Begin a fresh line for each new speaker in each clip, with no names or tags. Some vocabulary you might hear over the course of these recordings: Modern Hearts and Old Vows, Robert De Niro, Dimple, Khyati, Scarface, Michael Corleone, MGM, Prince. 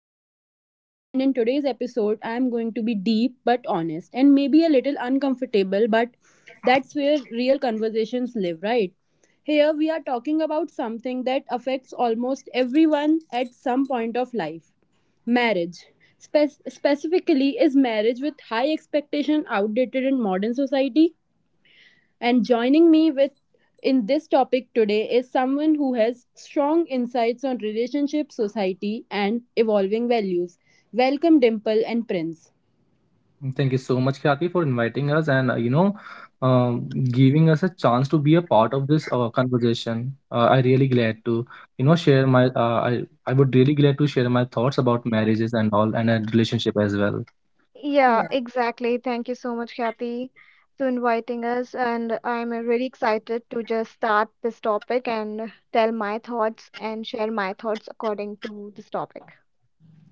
host Khyati, and in today's episode, I am going to be deep but honest and maybe a little uncomfortable, but that's where real conversations live, right? Here we are talking about something that affects almost everyone at some point of life, marriage. Specifically, is marriage with high expectation outdated in modern society? And joining me with in this topic today is someone who has strong insights on relationship, society, and evolving values. Welcome, Dimple and Prince.
Thank you so much, Khyati, for inviting us and giving us a chance to be a part of this conversation. I really glad to share my I would really glad to share my thoughts about marriages and all and a relationship as well.
Yeah,
Yeah.
exactly. Thank you so much, Kathy, for inviting us. And I'm really excited to just start this topic and tell my thoughts and share my thoughts according to this topic.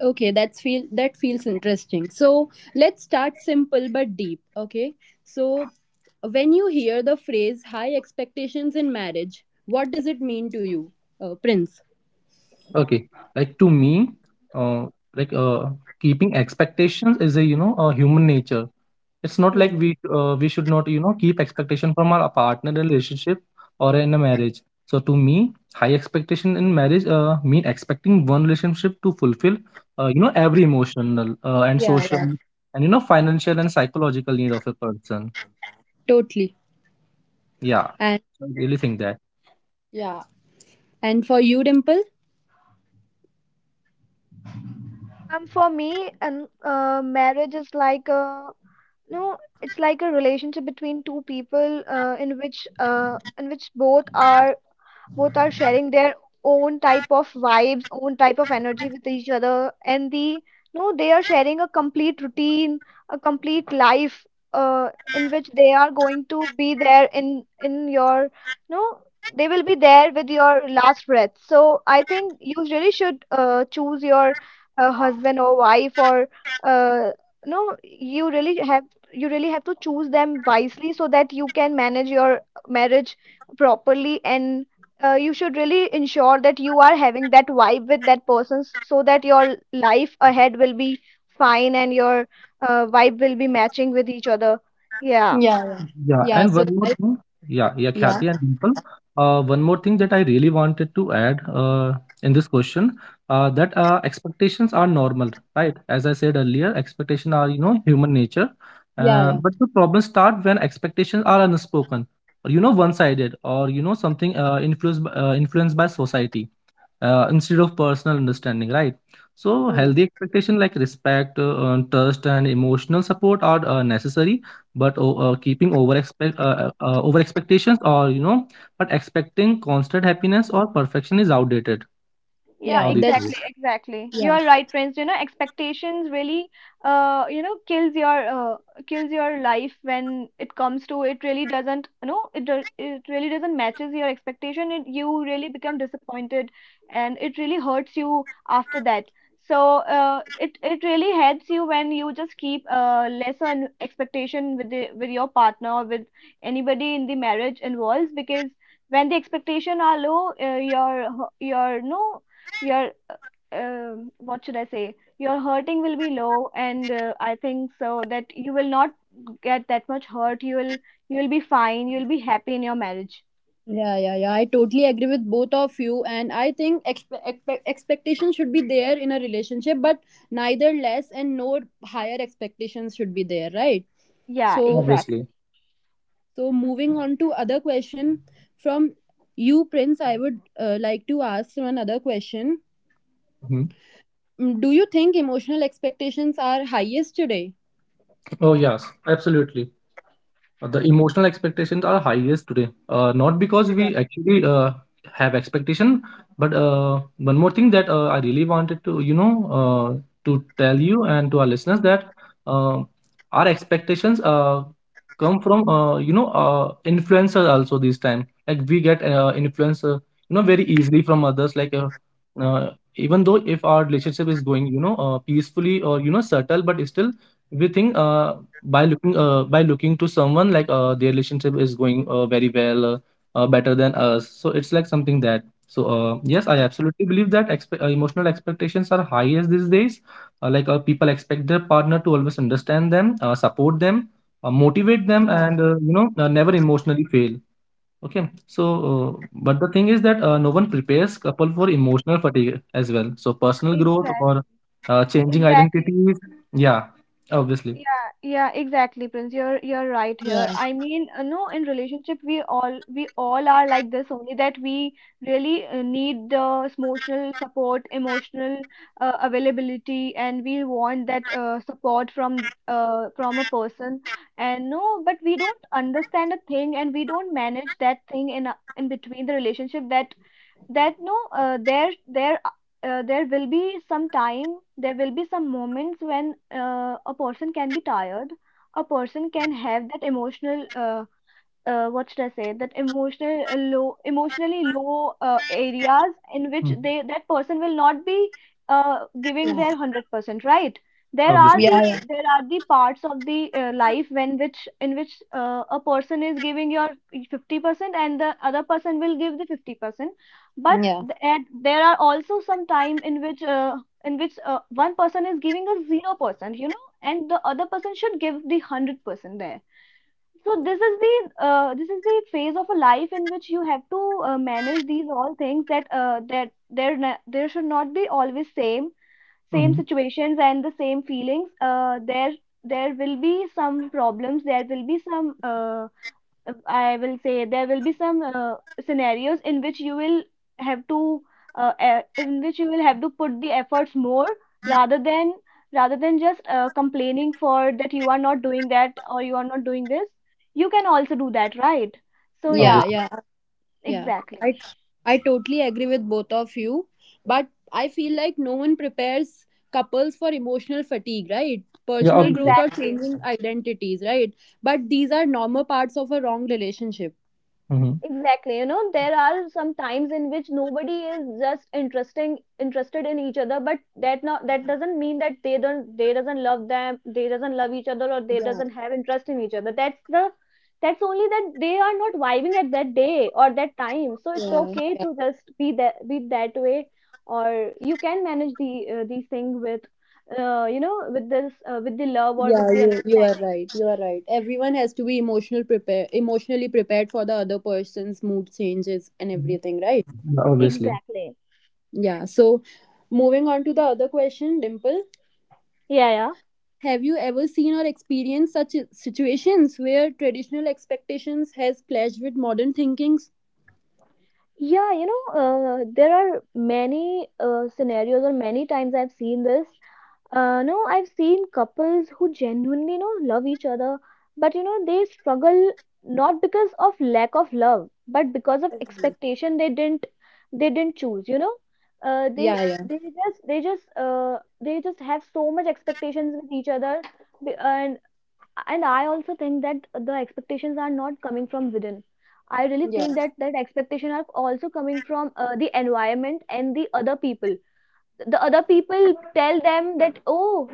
Okay, that feels interesting. So let's start simple but deep. Okay. So when you hear the phrase high expectations in marriage, what does it mean to you, Prince?
Okay, like to me, uh, like uh, keeping expectations is a a human nature. It's not
Yeah.
like we should not keep expectation from our partner relationship or in a marriage. So to me, high expectation in marriage mean expecting one relationship to fulfill every emotional and
Yeah.
social
Yeah.
and financial and psychological need of a person.
Totally.
Yeah,
And
I really think that.
for you, Dimple.
For me, and marriage is like a no, it's like a relationship between two people in which both are sharing their own type of vibes, own type of energy with each other. And the no, they are sharing a complete routine, a complete life uh, in which they are going to be there in your no, they will be there with your last breath. So I think you really should choose your a husband or wife or uh, no you really have you really have to choose them wisely, so that you can manage your marriage properly. And you should really ensure that you are having that vibe with that person, so that your life ahead will be fine and your vibe will be matching with each other. Yeah.
Yeah. Yeah.
Yeah,
Yeah.
and
So
one
I.
more thing. Yeah, yeah,
Yeah.
Khyati and Dimple. One more thing that I really wanted to add in this question that expectations are normal, right? As I said earlier, expectations are, human nature.
Yeah, yeah.
But the problems start when expectations are unspoken, or, one-sided, or, something influenced by society instead of personal understanding, right? So,
Hmm.
healthy expectation like respect, trust, and emotional support are necessary, but keeping over expect over expectations or but expecting constant happiness or perfection is outdated
Yeah,
now
Yeah,
these days.
exactly,
that's
exactly. You
yeah,
are right, Prince. You know, expectations really kills your life when it comes to it. Really doesn't, you know, it do- It really doesn't matches your expectation. You really become disappointed, and it really hurts you after that. So, it really helps you when you just keep lesser expectation with the with your partner, or with anybody in the marriage involves, because when the expectation are low, your no your what should I say your hurting will be low. And I think so that you will not get that much hurt. You will you will be fine. You will be happy in your marriage.
yeah, yeah, yeah. I totally agree with both of you, and I think expectation should be there in a relationship, but neither less and no higher expectations should be there, right?
Yeah,
Obviously.
So,
exactly,
so, moving on to other question from you, Prince, I would like to ask you another question.
Mhm.
Do you think emotional expectations are highest today?
Oh yes, absolutely. The emotional expectations are highest today. Not because we actually have expectation, but one more thing that I really wanted to, uh, to tell you and to our listeners that uh, our expectations come from, influencers also this time. Like we get influencer, you know, very easily from others. Uh, Even though if our relationship is going, peacefully or subtle, but still we think by looking to someone like their relationship is going very well, better than us, so it's like something that. So yes, I absolutely believe that emotional expectations are highest these days, people expect their partner to always understand them, support them, motivate them, and never emotionally fail. Okay, so uh, but the thing is that no one prepares couple for emotional fatigue as well, so personal growth or
exactly,
changing
exactly.
identities. Yeah, obviously.
Yeah, yeah, exactly, Prince. You're right here.
Yeah,
I mean, no, in relationship, we all are like this. Only that we really need the emotional support, emotional availability, and we want that support from a person. And but we don't understand a thing, and we don't manage that thing in between the relationship. That that no uh, there there uh, there will be some time. There will be some moments when a person can be tired. A person can have that emotional, what should I say that emotional low emotionally low areas in which
Mhm.
they that person will not be giving their 100%, right. there are
Obviously.
the
yeah,
there are the parts of the life when which in which a person is giving your 50%, and the other person will give the 50%. but
yeah,
th- and there are also some time in which one person is giving a 0%, you know, and the other person should give the 100% there. So this is the phase of a life in which you have to manage these all things. There should not be always same
Mhm.
situations and the same feelings. There will be some problems. There will be some I will say there will be some scenarios in which you will have to e- in which you will have to put the efforts more, rather than rather than just complaining for that you are not doing that, or you are not doing this. You can also do that, right? So yeah,
yeah,
Obviously.
yeah, yeah. Yeah.
exactly,
I totally agree with both of you, but I feel like no one prepares couples for emotional fatigue, right?
Yeah,
Personal
obviously.
growth or
exactly.
changing identities, right? But these are normal parts of a wrong relationship.
Mhm.
Exactly. You know, there are some times in which nobody is just interesting interested in each other. But that doesn't mean that they doesn't love them. They doesn't love each other, or they
Yeah,
doesn't have interest in each other. That's only that they are not vibing at that day or that time. So it's
yeah,
okay
yeah,
to just be that way. Or you can manage these things with with this with the love or
yeah.
with the
You are
understanding.
right. You are right. Everyone has to be emotionally prepared for the other person's mood changes and
Mhm.
everything, right?
Yeah, obviously.
Exactly.
Yeah. So, moving on to the other question, Dimple.
Yeah, yeah.
Have you ever seen or experienced such situations where traditional expectations has clashed with modern thinkings?
Yeah, you know, there are many scenarios or many times I've seen this. No, I've seen couples who genuinely love each other, but they struggle, not because of lack of love, but because of expectation they didn't choose. Uh, they
Yeah, yeah,
they just they just uh, they just have so much expectations with each other. Be- and and I also think that the expectations are not coming from within. I really think
yeah,
that expectation are also coming from the environment and the other people. The other people tell them that,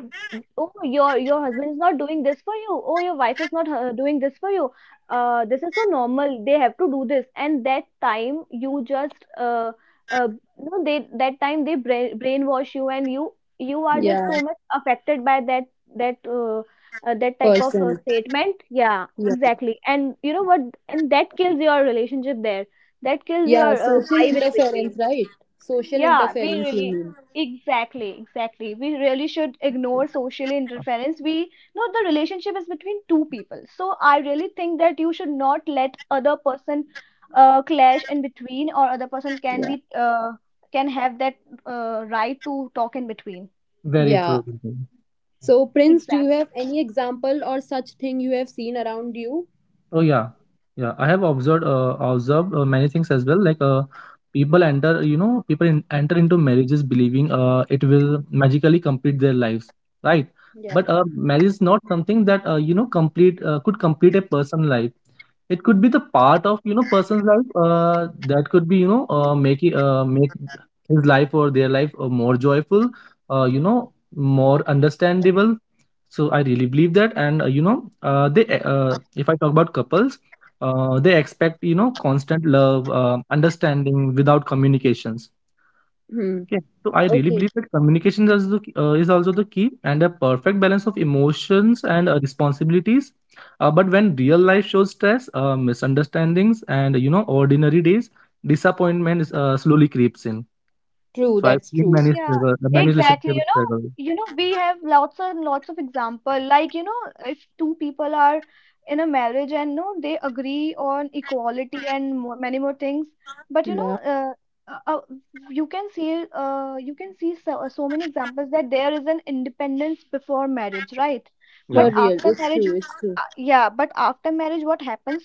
oh, your husband is not doing this for you. Oh, your wife is not doing this for you. This is so normal, they have to do this. And that time you just uh, you know they that time they brainwash you. And you are just
yeah.
so much affected by that, that type of
Person.
statement. Yeah,
Yeah,
exactly. And you know what, and that kills your relationship there. That kills
yeah.
your
Social
vibe in
interference,
between.
right? Social
Yeah,
interference, you mean?
exactly, exactly. We really should ignore social interference. We know the relationship is between two people. So I really think that you should not let other person clash in between, or other person
Yeah,
can have that right to talk in between.
Very true.
yeah.
Mhm.
So, Prince, do you
Exactly.
have any example or such thing you have seen around you?
Oh yeah, yeah. I have observed, observed many things as well. People enter, enter into marriages believing it will magically complete their lives, right?
Yeah.
But marriage is not something that complete could complete a person's life. It could be the part of person's life that could be make his life or their life more joyful, uh, you know, more understandable, so I really believe that, and you know, they if I talk about couples, they expect constant love, understanding without communications.
Hmm.
Okay, so I really
Okay.
believe that communication is the, is also the key, and a perfect balance of emotions and responsibilities. But when real life shows stress, misunderstandings, and ordinary days, disappointment is, slowly creeps in.
True.
So I've
That's
seen
true.
many
Yeah,
many
exactly.
relationships
You know,
struggle.
you know, we have lots and lots of example. Like, you know, if two people are in a marriage and no, they agree on equality and many more things. But you know,
Yeah.
uh, uh, uh, you can see so, so many examples that there is an independence before marriage, right?
For
But
Yeah,
real,
after
it's
marriage,
true. It's true.
yeah, but after marriage, what happens?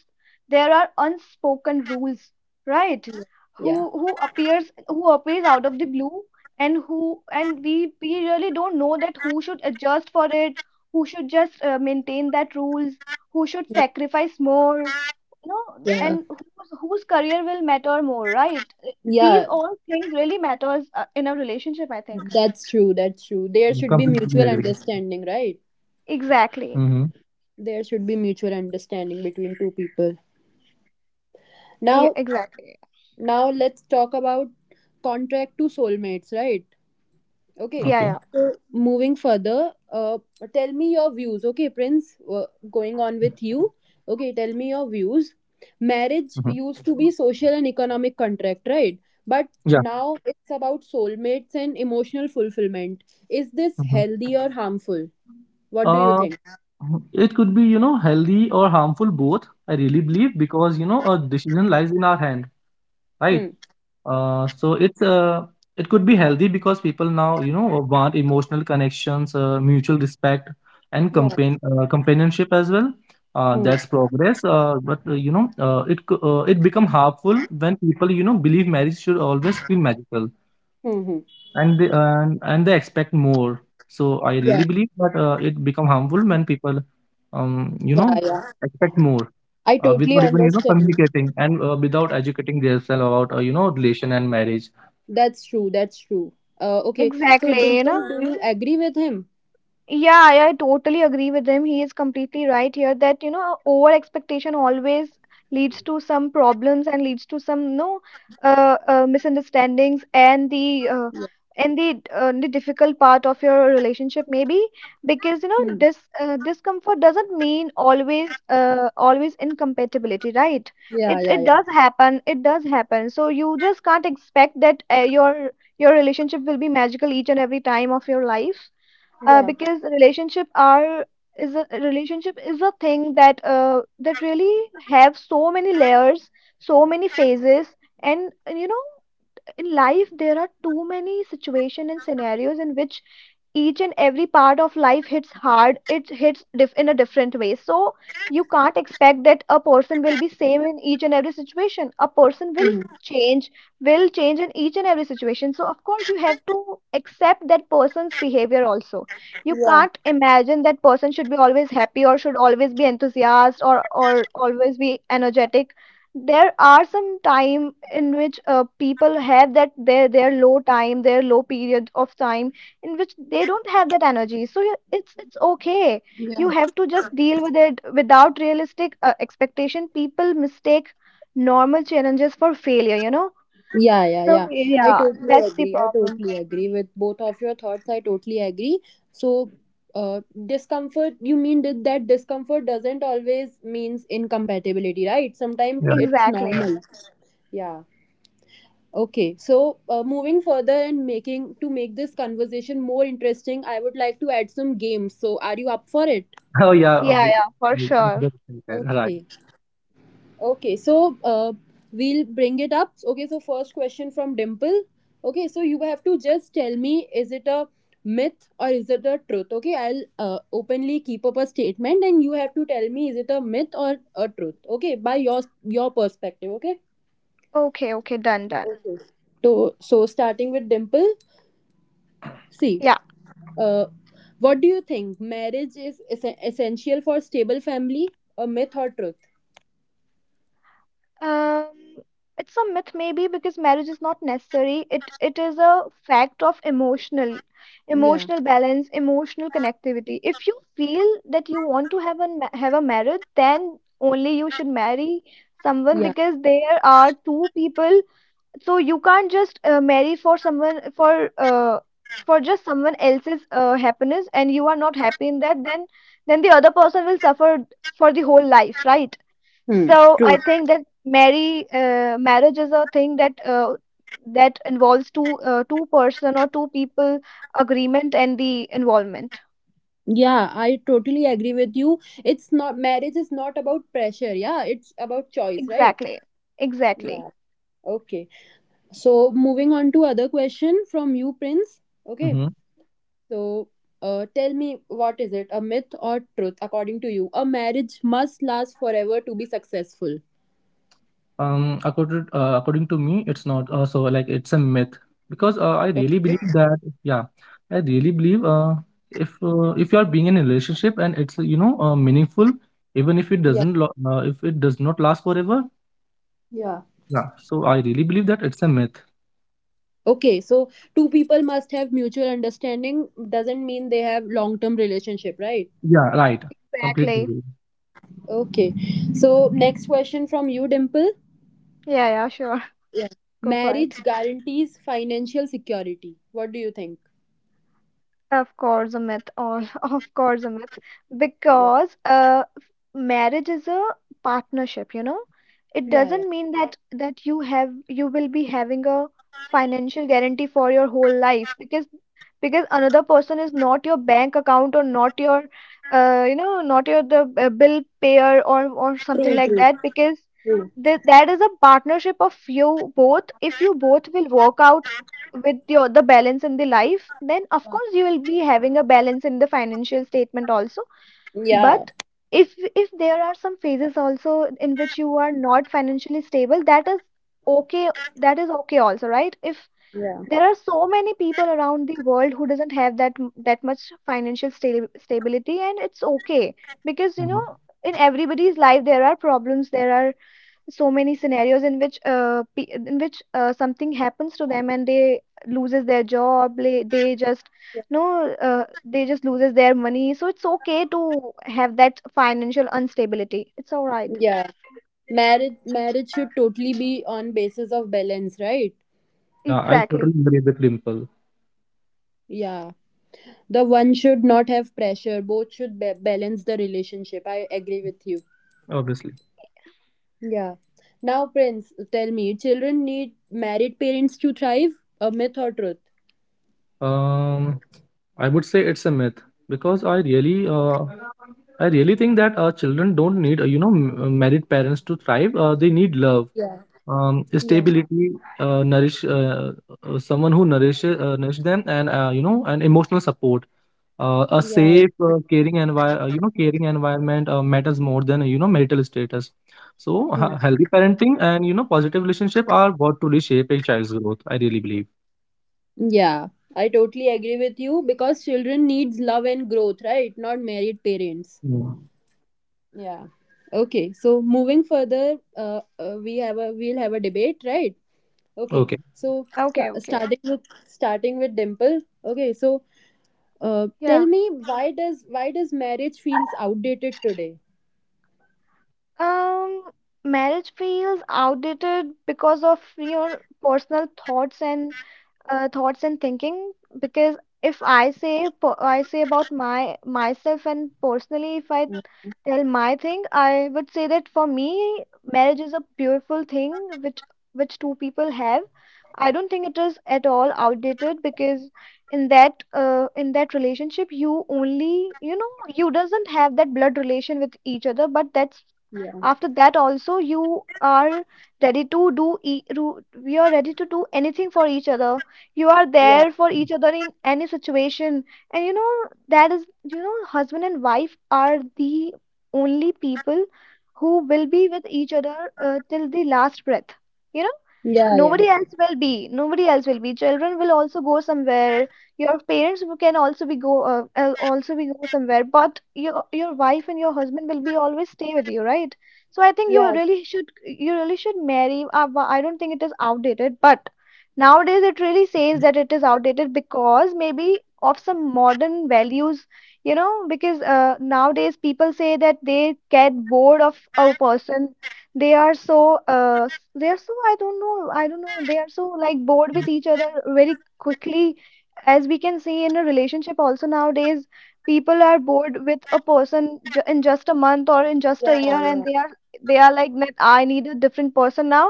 There are unspoken rules, right?
Yeah.
Who appears, out of the blue. And we really don't know that who should adjust for it, who should just maintain that rules, who should
Yeah.
sacrifice more, you know,
Yeah.
and whose career will matter more, right? These
Yeah.
all things really matters in a relationship, I think.
That's true. That's true. There
completely
should be
agree.
mutual understanding, right?
Mm-hmm.
Exactly.
There should be mutual understanding between two people.
Yeah,
Now,
exactly.
now, let's talk about contract to soulmates, right?
Okay.
Okay.
Yeah, yeah,
Moving further, tell me your views. Okay, Prince, going on with you. Okay, tell me your views.
Mhm.
Marriage used to be social and economic contract, right? But
Yeah.
now it's about soulmates and emotional fulfillment. Is this
Mhm.
healthy or harmful? What do you
Uh,
think?
it could be, you know, healthy or harmful both, I really believe, because, you know, a decision lies in our hand, right?
Hmm.
Uh, so it's uh, it could be healthy because people now, want emotional connections, mutual respect, and
Yeah.
companionship as well.
Hmm.
That's progress. But you know, it co- It become harmful when people, you know, believe marriage should always feel magical,
Hmm. Hmm.
and they expect more. So I really
Yeah.
believe that it become harmful when people um you
Yeah.
know
Yeah.
expect more
I totally
without even
understand.
communicating and without educating themselves about relation and marriage.
That's true. That's true. Okay. So
exactly,
Dimple,
you know.
do you agree with him?
Yeah, I totally agree with him. He is completely right here that, you know, over expectation always leads to some problems, and leads to some, no, misunderstandings,
Yeah.
and the difficult part of your relationship maybe. Because you
Hmm.
know this discomfort doesn't mean always incompatibility, right?
Yeah.
It
Yeah.
it does
Yeah.
happen. It does happen. So you just can't expect that your relationship will be magical each and every time of your life,
Yeah.
because relationship is a thing that that really have so many layers, so many phases. And you know, in life there are too many situations and scenarios in which each and every part of life hits hard. It hits in a different way. So you can't expect that a person will be same in each and every situation. A person will
Hmm.
change, in each and every situation. So of course you have to accept that person's behavior also. You
Yeah.
can't imagine that person should be always happy, or should always be enthusiastic, or always be energetic. There are some time in which people have that their low time, their low period of time in which they don't have that energy. So, it's
Yeah.
okay. You have to just deal with it. Without realistic expectation, people mistake normal challenges for failure, you know.
Yeah. Yeah.
So
Yeah. I
yeah,
totally
that's the
agree. I
problem.
totally agree with both of your thoughts. I totally agree. So. Uh, Discomfort, you mean? That discomfort doesn't always means incompatibility, right? Sometimes
Yeah.
it's
Exactly.
normal. Yeah. Okay, so moving further and making to make this conversation more interesting, I would like to add some games. So, are you up for it?
Oh yeah,
Yeah, yeah, for
we
sure.
understand that, right?
Okay, okay. So, we'll bring it up. Okay, so first question from Dimple. Okay, so you have to just tell me, is it a myth or is it a truth? Okay, I'll openly keep up a statement and you have to tell me, is it a myth or a truth? Okay, by your perspective. Okay.
Okay, okay, done, done.
Okay. So, starting with Dimple. See.
Yeah.
Uh, what do you think? Marriage is essential for stable family? A myth or truth?
Um, it's a myth maybe because marriage is not necessary. It is a fact of emotional,
Yeah.
emotional balance, emotional connectivity. If you feel that you want to have a marriage, then only you should marry someone,
Yeah.
because there are two people. So you can't just marry for someone for just someone else's happiness, and you are not happy in that. Then the other person will suffer for the whole life, right?
Hmm.
So
True.
I think that marry marriage is a thing that that involves two person or two people agreement and the involvement.
Yeah, I totally agree with you. It's not, marriage is not about pressure. Yeah, it's about choice, right?
Exactly. Exactly.
Yeah. Okay. So moving on to other question from you, Prince. Okay.
Mm-hmm.
So, tell me, what is it? A myth or truth according to you? A marriage must last forever to be successful.
According to me, it's not. So like it's a myth because I really
Okay.
believe that. Yeah, I really believe. If you are being in a relationship and it's meaningful, even if it
Yeah.
doesn't lo- if it does not last forever.
Yeah.
Yeah. So I really believe that it's a myth.
Okay, so two people must have mutual understanding doesn't mean they have long term relationship, right?
Yeah. Right. Completely
Exactly.
agree.
Okay. So next question from you, Dimple.
Yeah, yeah, sure. Go for it.
Marriage guarantees financial security. What do you think?
Of course, a myth, all of course, a myth.
Yeah.
Because marriage is a partnership, you know. It
Yeah, yeah.
doesn't mean that you will be having a financial guarantee for your whole life because another person is not your bank account or not your not your the bill payer or something
True,
like
true,
that, because
true.
th that is a partnership of you both. If you both will work out with your the balance in the life, then of course you will be having a balance in the financial statement also.
Yeah,
But if there are some phases also in which you are not financially stable, that is okay. That is okay also, right? if
yeah,
There are so many people around the world who doesn't have that that much financial stability, and it's okay. Because you know,
Mhm.
in everybody's life there are problems. There are so many scenarios in which in which something happens to them, and they loses their job. They, they just no uh, they just loses their money. So it's okay to have that financial instability. It's all right.
yeah. Marriage should totally be on basis of balance, right?
Yeah, I
Exactly.
totally agree with Dimple.
Yeah. The one should not have pressure. Both should balance the relationship. I agree with you.
Obviously.
Yeah. Now, Prince, tell me, children need married parents to thrive? A myth or truth?
Um, I would say it's a myth because I really think that children don't need, married parents to thrive. They need love,
Yeah. Yeah.
stability, uh, nourish, uh, someone who nourishes, nourish them, and and emotional support. A
Yeah. Yeah.
safe, caring envi- you know, caring environment matters more than marital status. So,
Hmm.
healthy parenting and positive relationship are what truly shape a child's growth. I really believe.
Yeah. I totally agree with you because children needs love and growth, right? Not married parents.
Mm.
Yeah. Okay. So moving further, we have a we'll have a debate, right? Okay.
Okay.
So
Okay,
sta-
okay.
starting with starting with Dimple. Okay. So tell
Yeah.
me, why does marriage feels outdated today?
Um marriage feels outdated because of your personal thoughts and thoughts and thinking. Because if I I say about my myself, and personally if I
Hmm.
tell my thing, I would say that for me, marriage is a beautiful thing which which two people have. I don't think it is at all outdated, because in that relationship, you only, you know, you doesn't have that blood relation with each other, but that's
Yeah.
after that also you are ready to do we are ready to do anything for each other. You are
Yeah.
there for each other in any situation. And you know, that is, you know, husband and wife are the only people who will be with each other till the last breath. You know?
Yeah, yeah.
Nobody else will be. Nobody else will be. Children will also go somewhere. Your parents can also be go somewhere. But your wife and your husband will be always stay with you, right? So I think
Yeah,
you really should marry. I don't think it is outdated, but nowadays it really says that it is outdated because maybe of some modern values, you know, because nowadays people say that they get bored of a person. They are so they are so, I don't know, they are so, like, bored with each other very quickly. As we can see in a relationship also nowadays, people are bored with a person ju in just a month or in just a
yeah,
year.
yeah.
And they are like that, I need a different person now.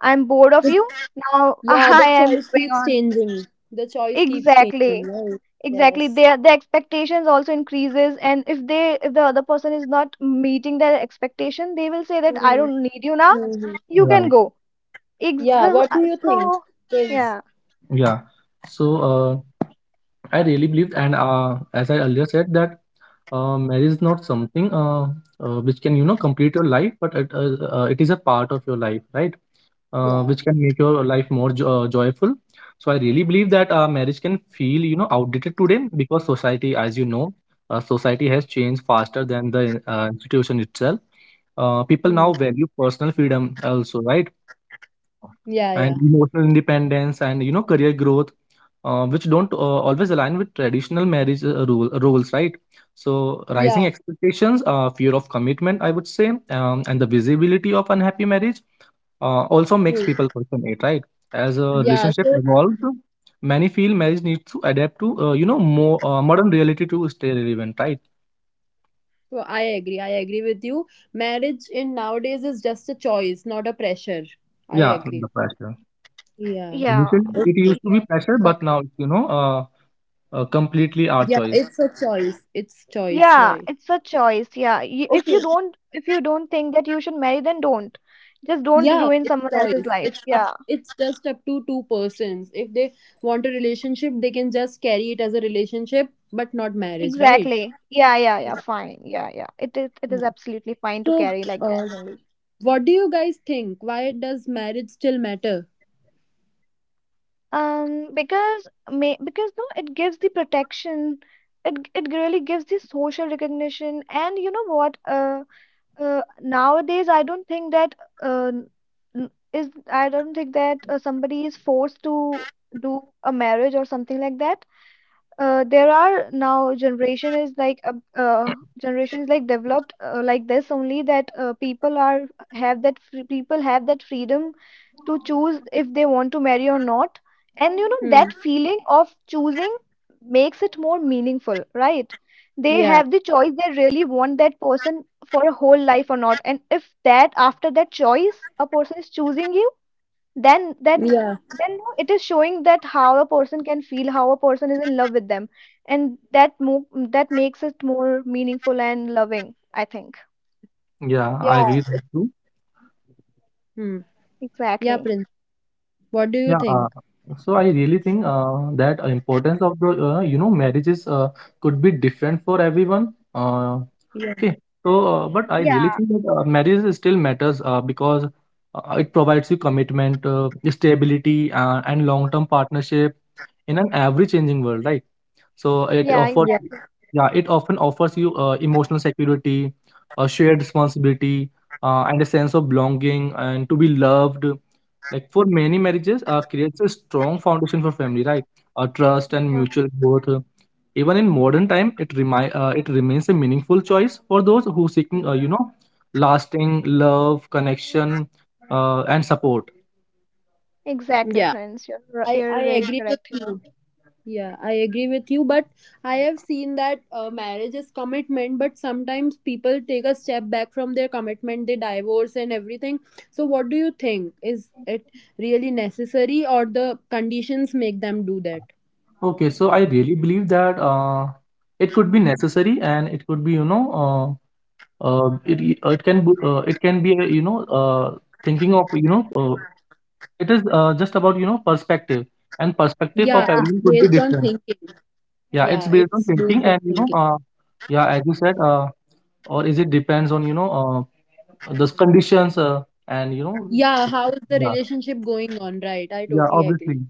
I'm bored of you now.
Yeah,
I
the
am
choice
moving
keeps
on.
changing. The choice keeps changing,
Exactly.
right?
Exactly.
Yes.
Their the expectations also increases, and if the other person is not meeting their expectation, they will say that I
Mm-hmm.
don't need you now.
Mm-hmm.
You can
Right.
go. Ex
Yeah,
the,
what
uh,
do you think,
so
Prince?
yeah,
Yeah. So I really believed, and as I earlier said, that marriage is not something which can complete your life, but it is a part of your life, right?
Yeah.
Which can make your life joyful. So I really believe that marriage can feel outdated today because society, as you know, society has changed faster than the institution itself. People
Hmm.
now value personal freedom also, right?
Yeah, yeah.
And emotional independence and career growth, which don't always align with traditional marriage roles, right? So
Yeah,
rising expectations, fear of commitment, I would say, and the visibility of unhappy marriage also makes
true.
people question it, right? As a
Yeah,
relationship
so,
evolved, many feel marriage needs to adapt to more modern reality to stay relevant, right?
so I agree. I agree with you. Marriage in nowadays is just a choice, not a pressure. I
Yeah,
agree.
the pressure.
Yeah.
yeah,
Initially it used to be
yeah,
pressure, but
exactly.
now it's, completely our
Yeah,
choice.
it's a choice. It's choice,
Yeah,
right?
it's a choice. Yeah, if you don't think that you should marry, then don't. Just don't
Yeah,
ruin
it's
someone else's
choice.
life.
It's up.
Yeah,
It's just up to two persons. If they want a relationship, they can just carry it as a relationship, but not marriage, right?
exactly. Yeah, yeah, yeah. Fine. Yeah, yeah. It is
Yeah.
absolutely fine to
So,
carry like that
uh,
only.
what do you guys think? Why does marriage still matter?
Because no, it gives the protection. It really gives the social recognition. And you know what? Nowadays I don't think that uh, n- is I don't think that somebody is forced to do a marriage or something like that. There are, now uh, generation is like developed like this only, that people are, people have that freedom to choose if they want to marry or not. And you know,
Hmm.
that feeling of choosing makes it more meaningful, right? They
Yeah.
have the choice. They really want that person for a whole life or not. And if that after that choice, a person is choosing you, then then
Yeah.
then no, it is showing that how a person can feel, how a person is in love with them. And that makes it more meaningful and loving, I think.
Yeah, I
Yeah.
agree with you.
Hmm. Yeah,
Exactly.
Prince. What do you
Yeah, uh,
think?
so I really think that importance of the marriages could be different for everyone.
Yeah.
Okay, so but I really
Yeah.
think that marriage still matters because it provides you commitment, stability, and long-term partnership in an ever-changing world, right? So it
Yeah,
offers,
Yeah.
exactly.
yeah, it often offers you emotional security, a shared responsibility, and a sense of belonging and to be loved. Like for many marriages, creates a strong foundation for family, right? Trust and
Yeah,
mutual growth. Even in modern time, it remains a meaningful choice for those who seeking, lasting love, connection, and support.
exactly,
Yeah.
Prince,
I
you're
I
really
agree with
correct here.
you. Yeah, I agree with you, but I have seen that marriage is commitment, but sometimes people take a step back from their commitment, they divorce and everything. So, what do you think? Is it really necessary, or the conditions make them do that?
Okay, so I really believe that it could be necessary and it could be, you know. It it can bo- It can be thinking of it is just about perspective, and perspective of
Yeah,
Yeah.
it's
everyone could be
based on
different.
thinking.
Yeah, it's
Yeah,
based on
it's
thinking
based on
and
thinking.
yeah, as you said, or is it depends on those conditions and you know.
Yeah, how is the
Yeah,
relationship going on? Right, I
yeah,
totally
obviously.
agree.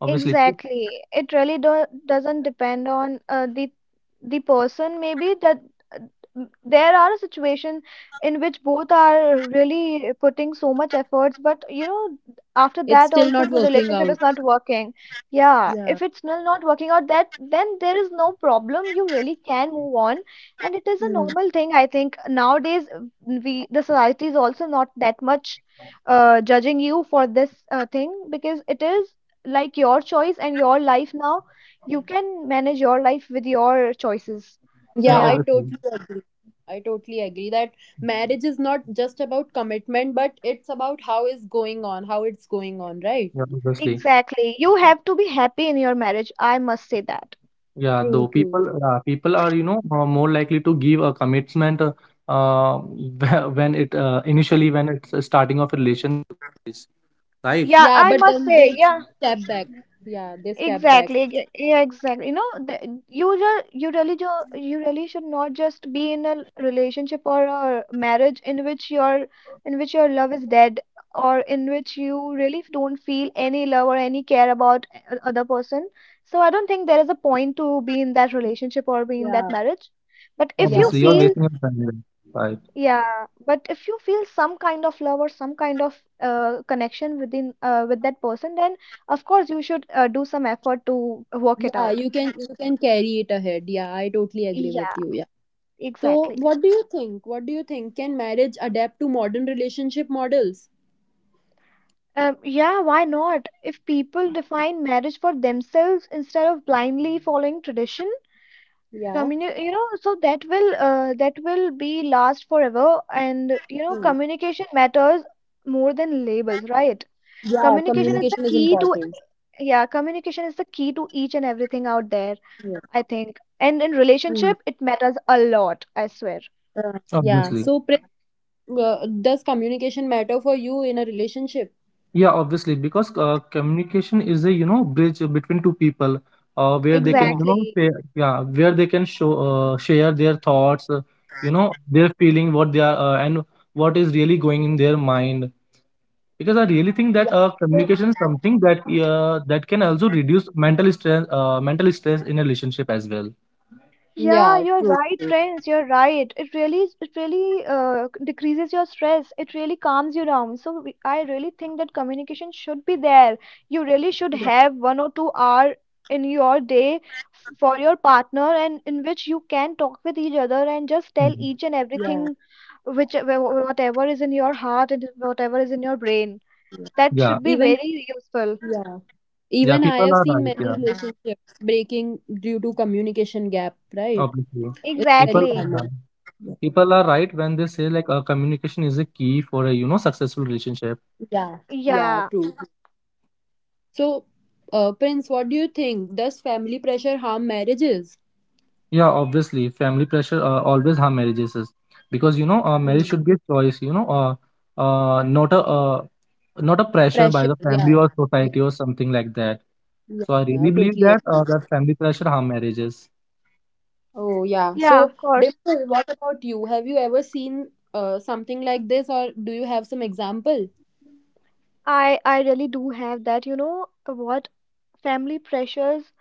Obviously.
Exactly. It really do doesn't depend on the person. Maybe that uh, there are situations in which both are really putting so much efforts, but you know, after
It's
that
still
also
not
the
working
relationship
out.
is not working. Yeah,
Yeah.
if it's still not working out, that then there is no problem. You really can move on, and it is a
Hmm.
normal thing. I think nowadays we, the society is also not that much judging you for this thing, because it is like your choice and your life now. You can manage your life with your choices. So
Yeah,
Yeah, I
yeah,
obviously.
totally agree. I totally agree that marriage is not just about commitment, but it's about how it's going on, right?
Yeah, obviously.
exactly. You have to be happy in your marriage, I must say that.
Yeah,
True,
though
true.
people, people are more likely to give a commitment, uh, when it
Uh,
initially when it.
yeah
Yeah,
I
but
must
then they
say, yeah.
step back. Yeah, they step back.
Exactly. Yeah, exactly. You know, you just, you really should not just be in a relationship or a marriage in which your love is dead, or in which you really don't feel any love or any care about other person. So I don't think there is a point to be in that relationship or be in that
Yeah,
marriage.
Obviously,
But
you're
if
yeah.
you
basing
So
on
feel
family, right?
Yeah, but if you feel some kind of love or some kind of connection within with that person, then of course you should do some effort to work it
yeah,
out.
you can carry it ahead. Yeah, I totally agree with
Yeah,
you. Yeah. So
exactly.
what do you think? What do you think? Can marriage adapt to modern relationship models?
Yeah, why not? If people define marriage for themselves instead of blindly following tradition,
Yeah.
you know, so that will be last forever. And you know,
Hmm.
communication matters more than labels, right?
Yeah,
Mhm.
Communication is the
communication is
key to,
important.
yeah, communication is the key to each and everything out there,
Yeah.
I think. And in
Hmm.
relationship, it matters a lot, I swear.
Yeah.
Obviously,
So does communication matter for you in a relationship?
yeah, obviously, because communication is a bridge between two people, where they can
Yeah,
Exactly.
say, yeah, where they can show, share their thoughts, their feeling, what they are, and what is really going in their mind. Because I really think
yeah.
that
So-
communication is something that that can also reduce mental stress, in a relationship as well.
Yeah,
yeah,
you're
true,
right,
true.
friends. You're right. It really, decreases your stress. It really calms you down. So I really think that communication should be there. You really should
Yeah,
have 1 or 2 hour in your day for your partner, and in which you can talk with each other and just tell
Mhm.
each and
yeah.
everything, which whatever is in your heart and whatever is in your brain. That
Yeah,
should be
Even,
very useful.
yeah,
yeah,
even I
people
have
are
seen
right.
many
Yeah,
relationships breaking due to communication gap, right?
obviously,
It's very
people.
Exactly.
Yeah.
common.
People are right when they say like communication is a key for a successful relationship.
Yeah, yeah.
Yeah.
True, true. So, Prince, what do you think? Does family pressure harm marriages?
Yeah, obviously family pressure always harm marriages because marriage
Hmm.
should be a choice, not a not a pressure by
Pressure,
the family
yeah.
or
Yeah.
society or something like that.
Yeah,
So I
yeah, I
really believe
totally.
that that family pressure harm marriages.
Oh, yeah.
Yeah,
So,
of course.
Dimple, what about you? Have you ever seen something like this, or do you have some example?
I really do have that. You know what? Family pressures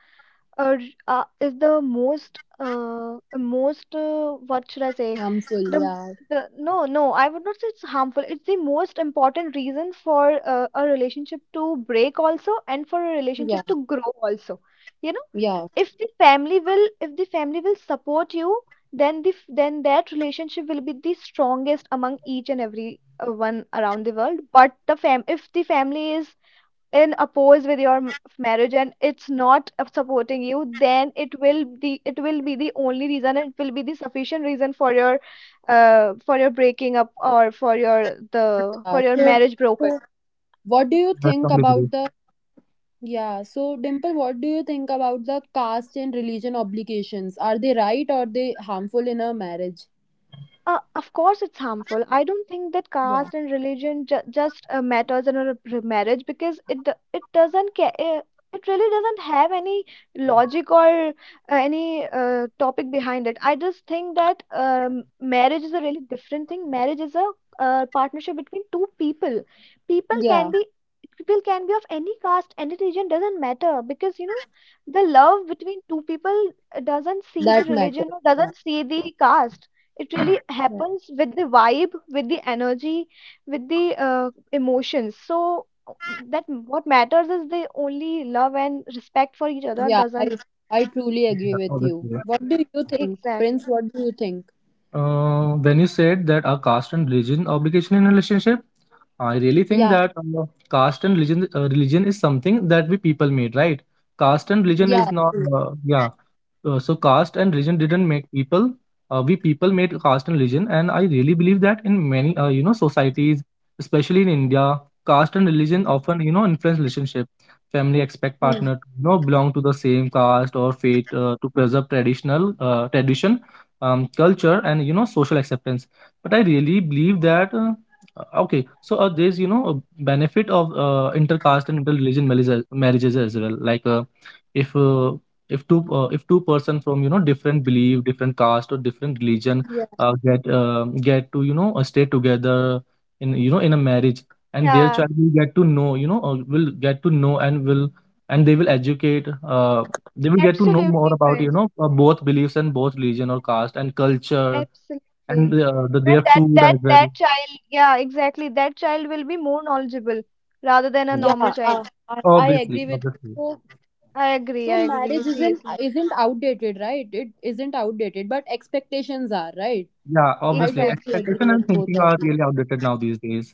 are, is the most what should I say?
Harmful,
The
yeah,
the no No, I would not say it's harmful. It's the most important reason for a relationship to break also, and for a
yeah,
relationship to grow also. You know,
yeah,
if the family will support you, then then that relationship will be the strongest among each and every one around the world. But the fam if the family is in oppose with your marriage and it's not supporting you, then it will be the only reason, it will be the sufficient reason for your breaking up, or
yeah.
for your
So,
marriage broken.
so what do you
I
think
strongly believe.
about the, yeah, so Dimple, what do you think about the caste and religion obligations? Are they right or they harmful in a marriage?
Of course, it's harmful. I don't think that
Yeah,
caste and religion ju just matters in a marriage, because it doesn't care. It really doesn't have any logic or any topic behind it. I just think that marriage is a really different thing. Marriage is a partnership between two people. People
yeah,
can be People can be of any caste, any religion, doesn't matter, because you know, the love between two people doesn't see the
that
religion
matters.
or doesn't see the caste. It really
Yeah,
happens with the vibe, with the energy, with the emotions. So that what matters is the only love and respect for each other,
yeah, I
doesn't.
I truly
Yeah,
agree with you.
obviously.
What do you think, Prince?
Exactly.
What do you think?
When you said that our caste and religion obligation in relationship, I really think
Yeah,
that caste and religion, religion is something that we people made, right? Caste and religion is
yeah.
not, uh, yeah, so caste and religion didn't make people. We people made caste and religion, and I really believe that in many societies, especially in India, caste and religion often influence relationship. Family expect
Hmm.
partner to belong to the same caste or faith to preserve tradition, culture, and social acceptance. But I really believe that, okay, so there's a benefit of intercaste and interreligion marriages as well. If uh, if two if two-person from different belief, different caste, or different religion get to stay together in in a marriage, and their
Yeah.
child will get to know, will get to know, and will, and they will educate, uh, they will get to know more
Absolutely,
about
friends.
both beliefs and both religion or caste and culture, and
Absolutely. then
their
that
food
that
as well.
that child, yeah, exactly, that child will be more knowledgeable rather than a
Yeah,
Yeah,
normal child.
I
obviously,
agree with you.
obviously.
So,
I agree.
so
I agree,
marriage isn't
seriously.
isn't outdated, right? It isn't outdated, but expectations are, right?
Yeah,
I
obviously
totally
Exactly.
agree
expectation and
with both
thinking
of
are
you.
really outdated now these days.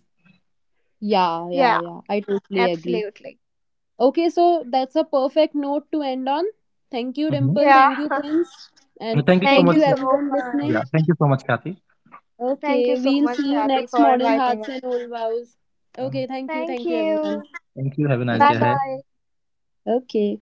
Yeah, yeah,
Yeah.
yeah. I totally agree.
Absolutely.
Okay, so that's a perfect note to end on. Thank you,
Mhm.
Dimple.
Yeah.
Thank you, Prince. And
Thank you so
Thank
thank
much
you
you,
for.
so
everyone listening.
Yeah.
much.
Thank you so much, Kathy.
Thank you
Okay,
so
we'll
much,
see you
Kathy,
next
for
Modern
inviting
Hearts
us.
and Old Vows.
Uh,
Okay, thank you.
Thank
Thank you, everyone.
you.
Thank you. Have a nice
Bye
day
Thank you.
ahead.
bye.
Okay.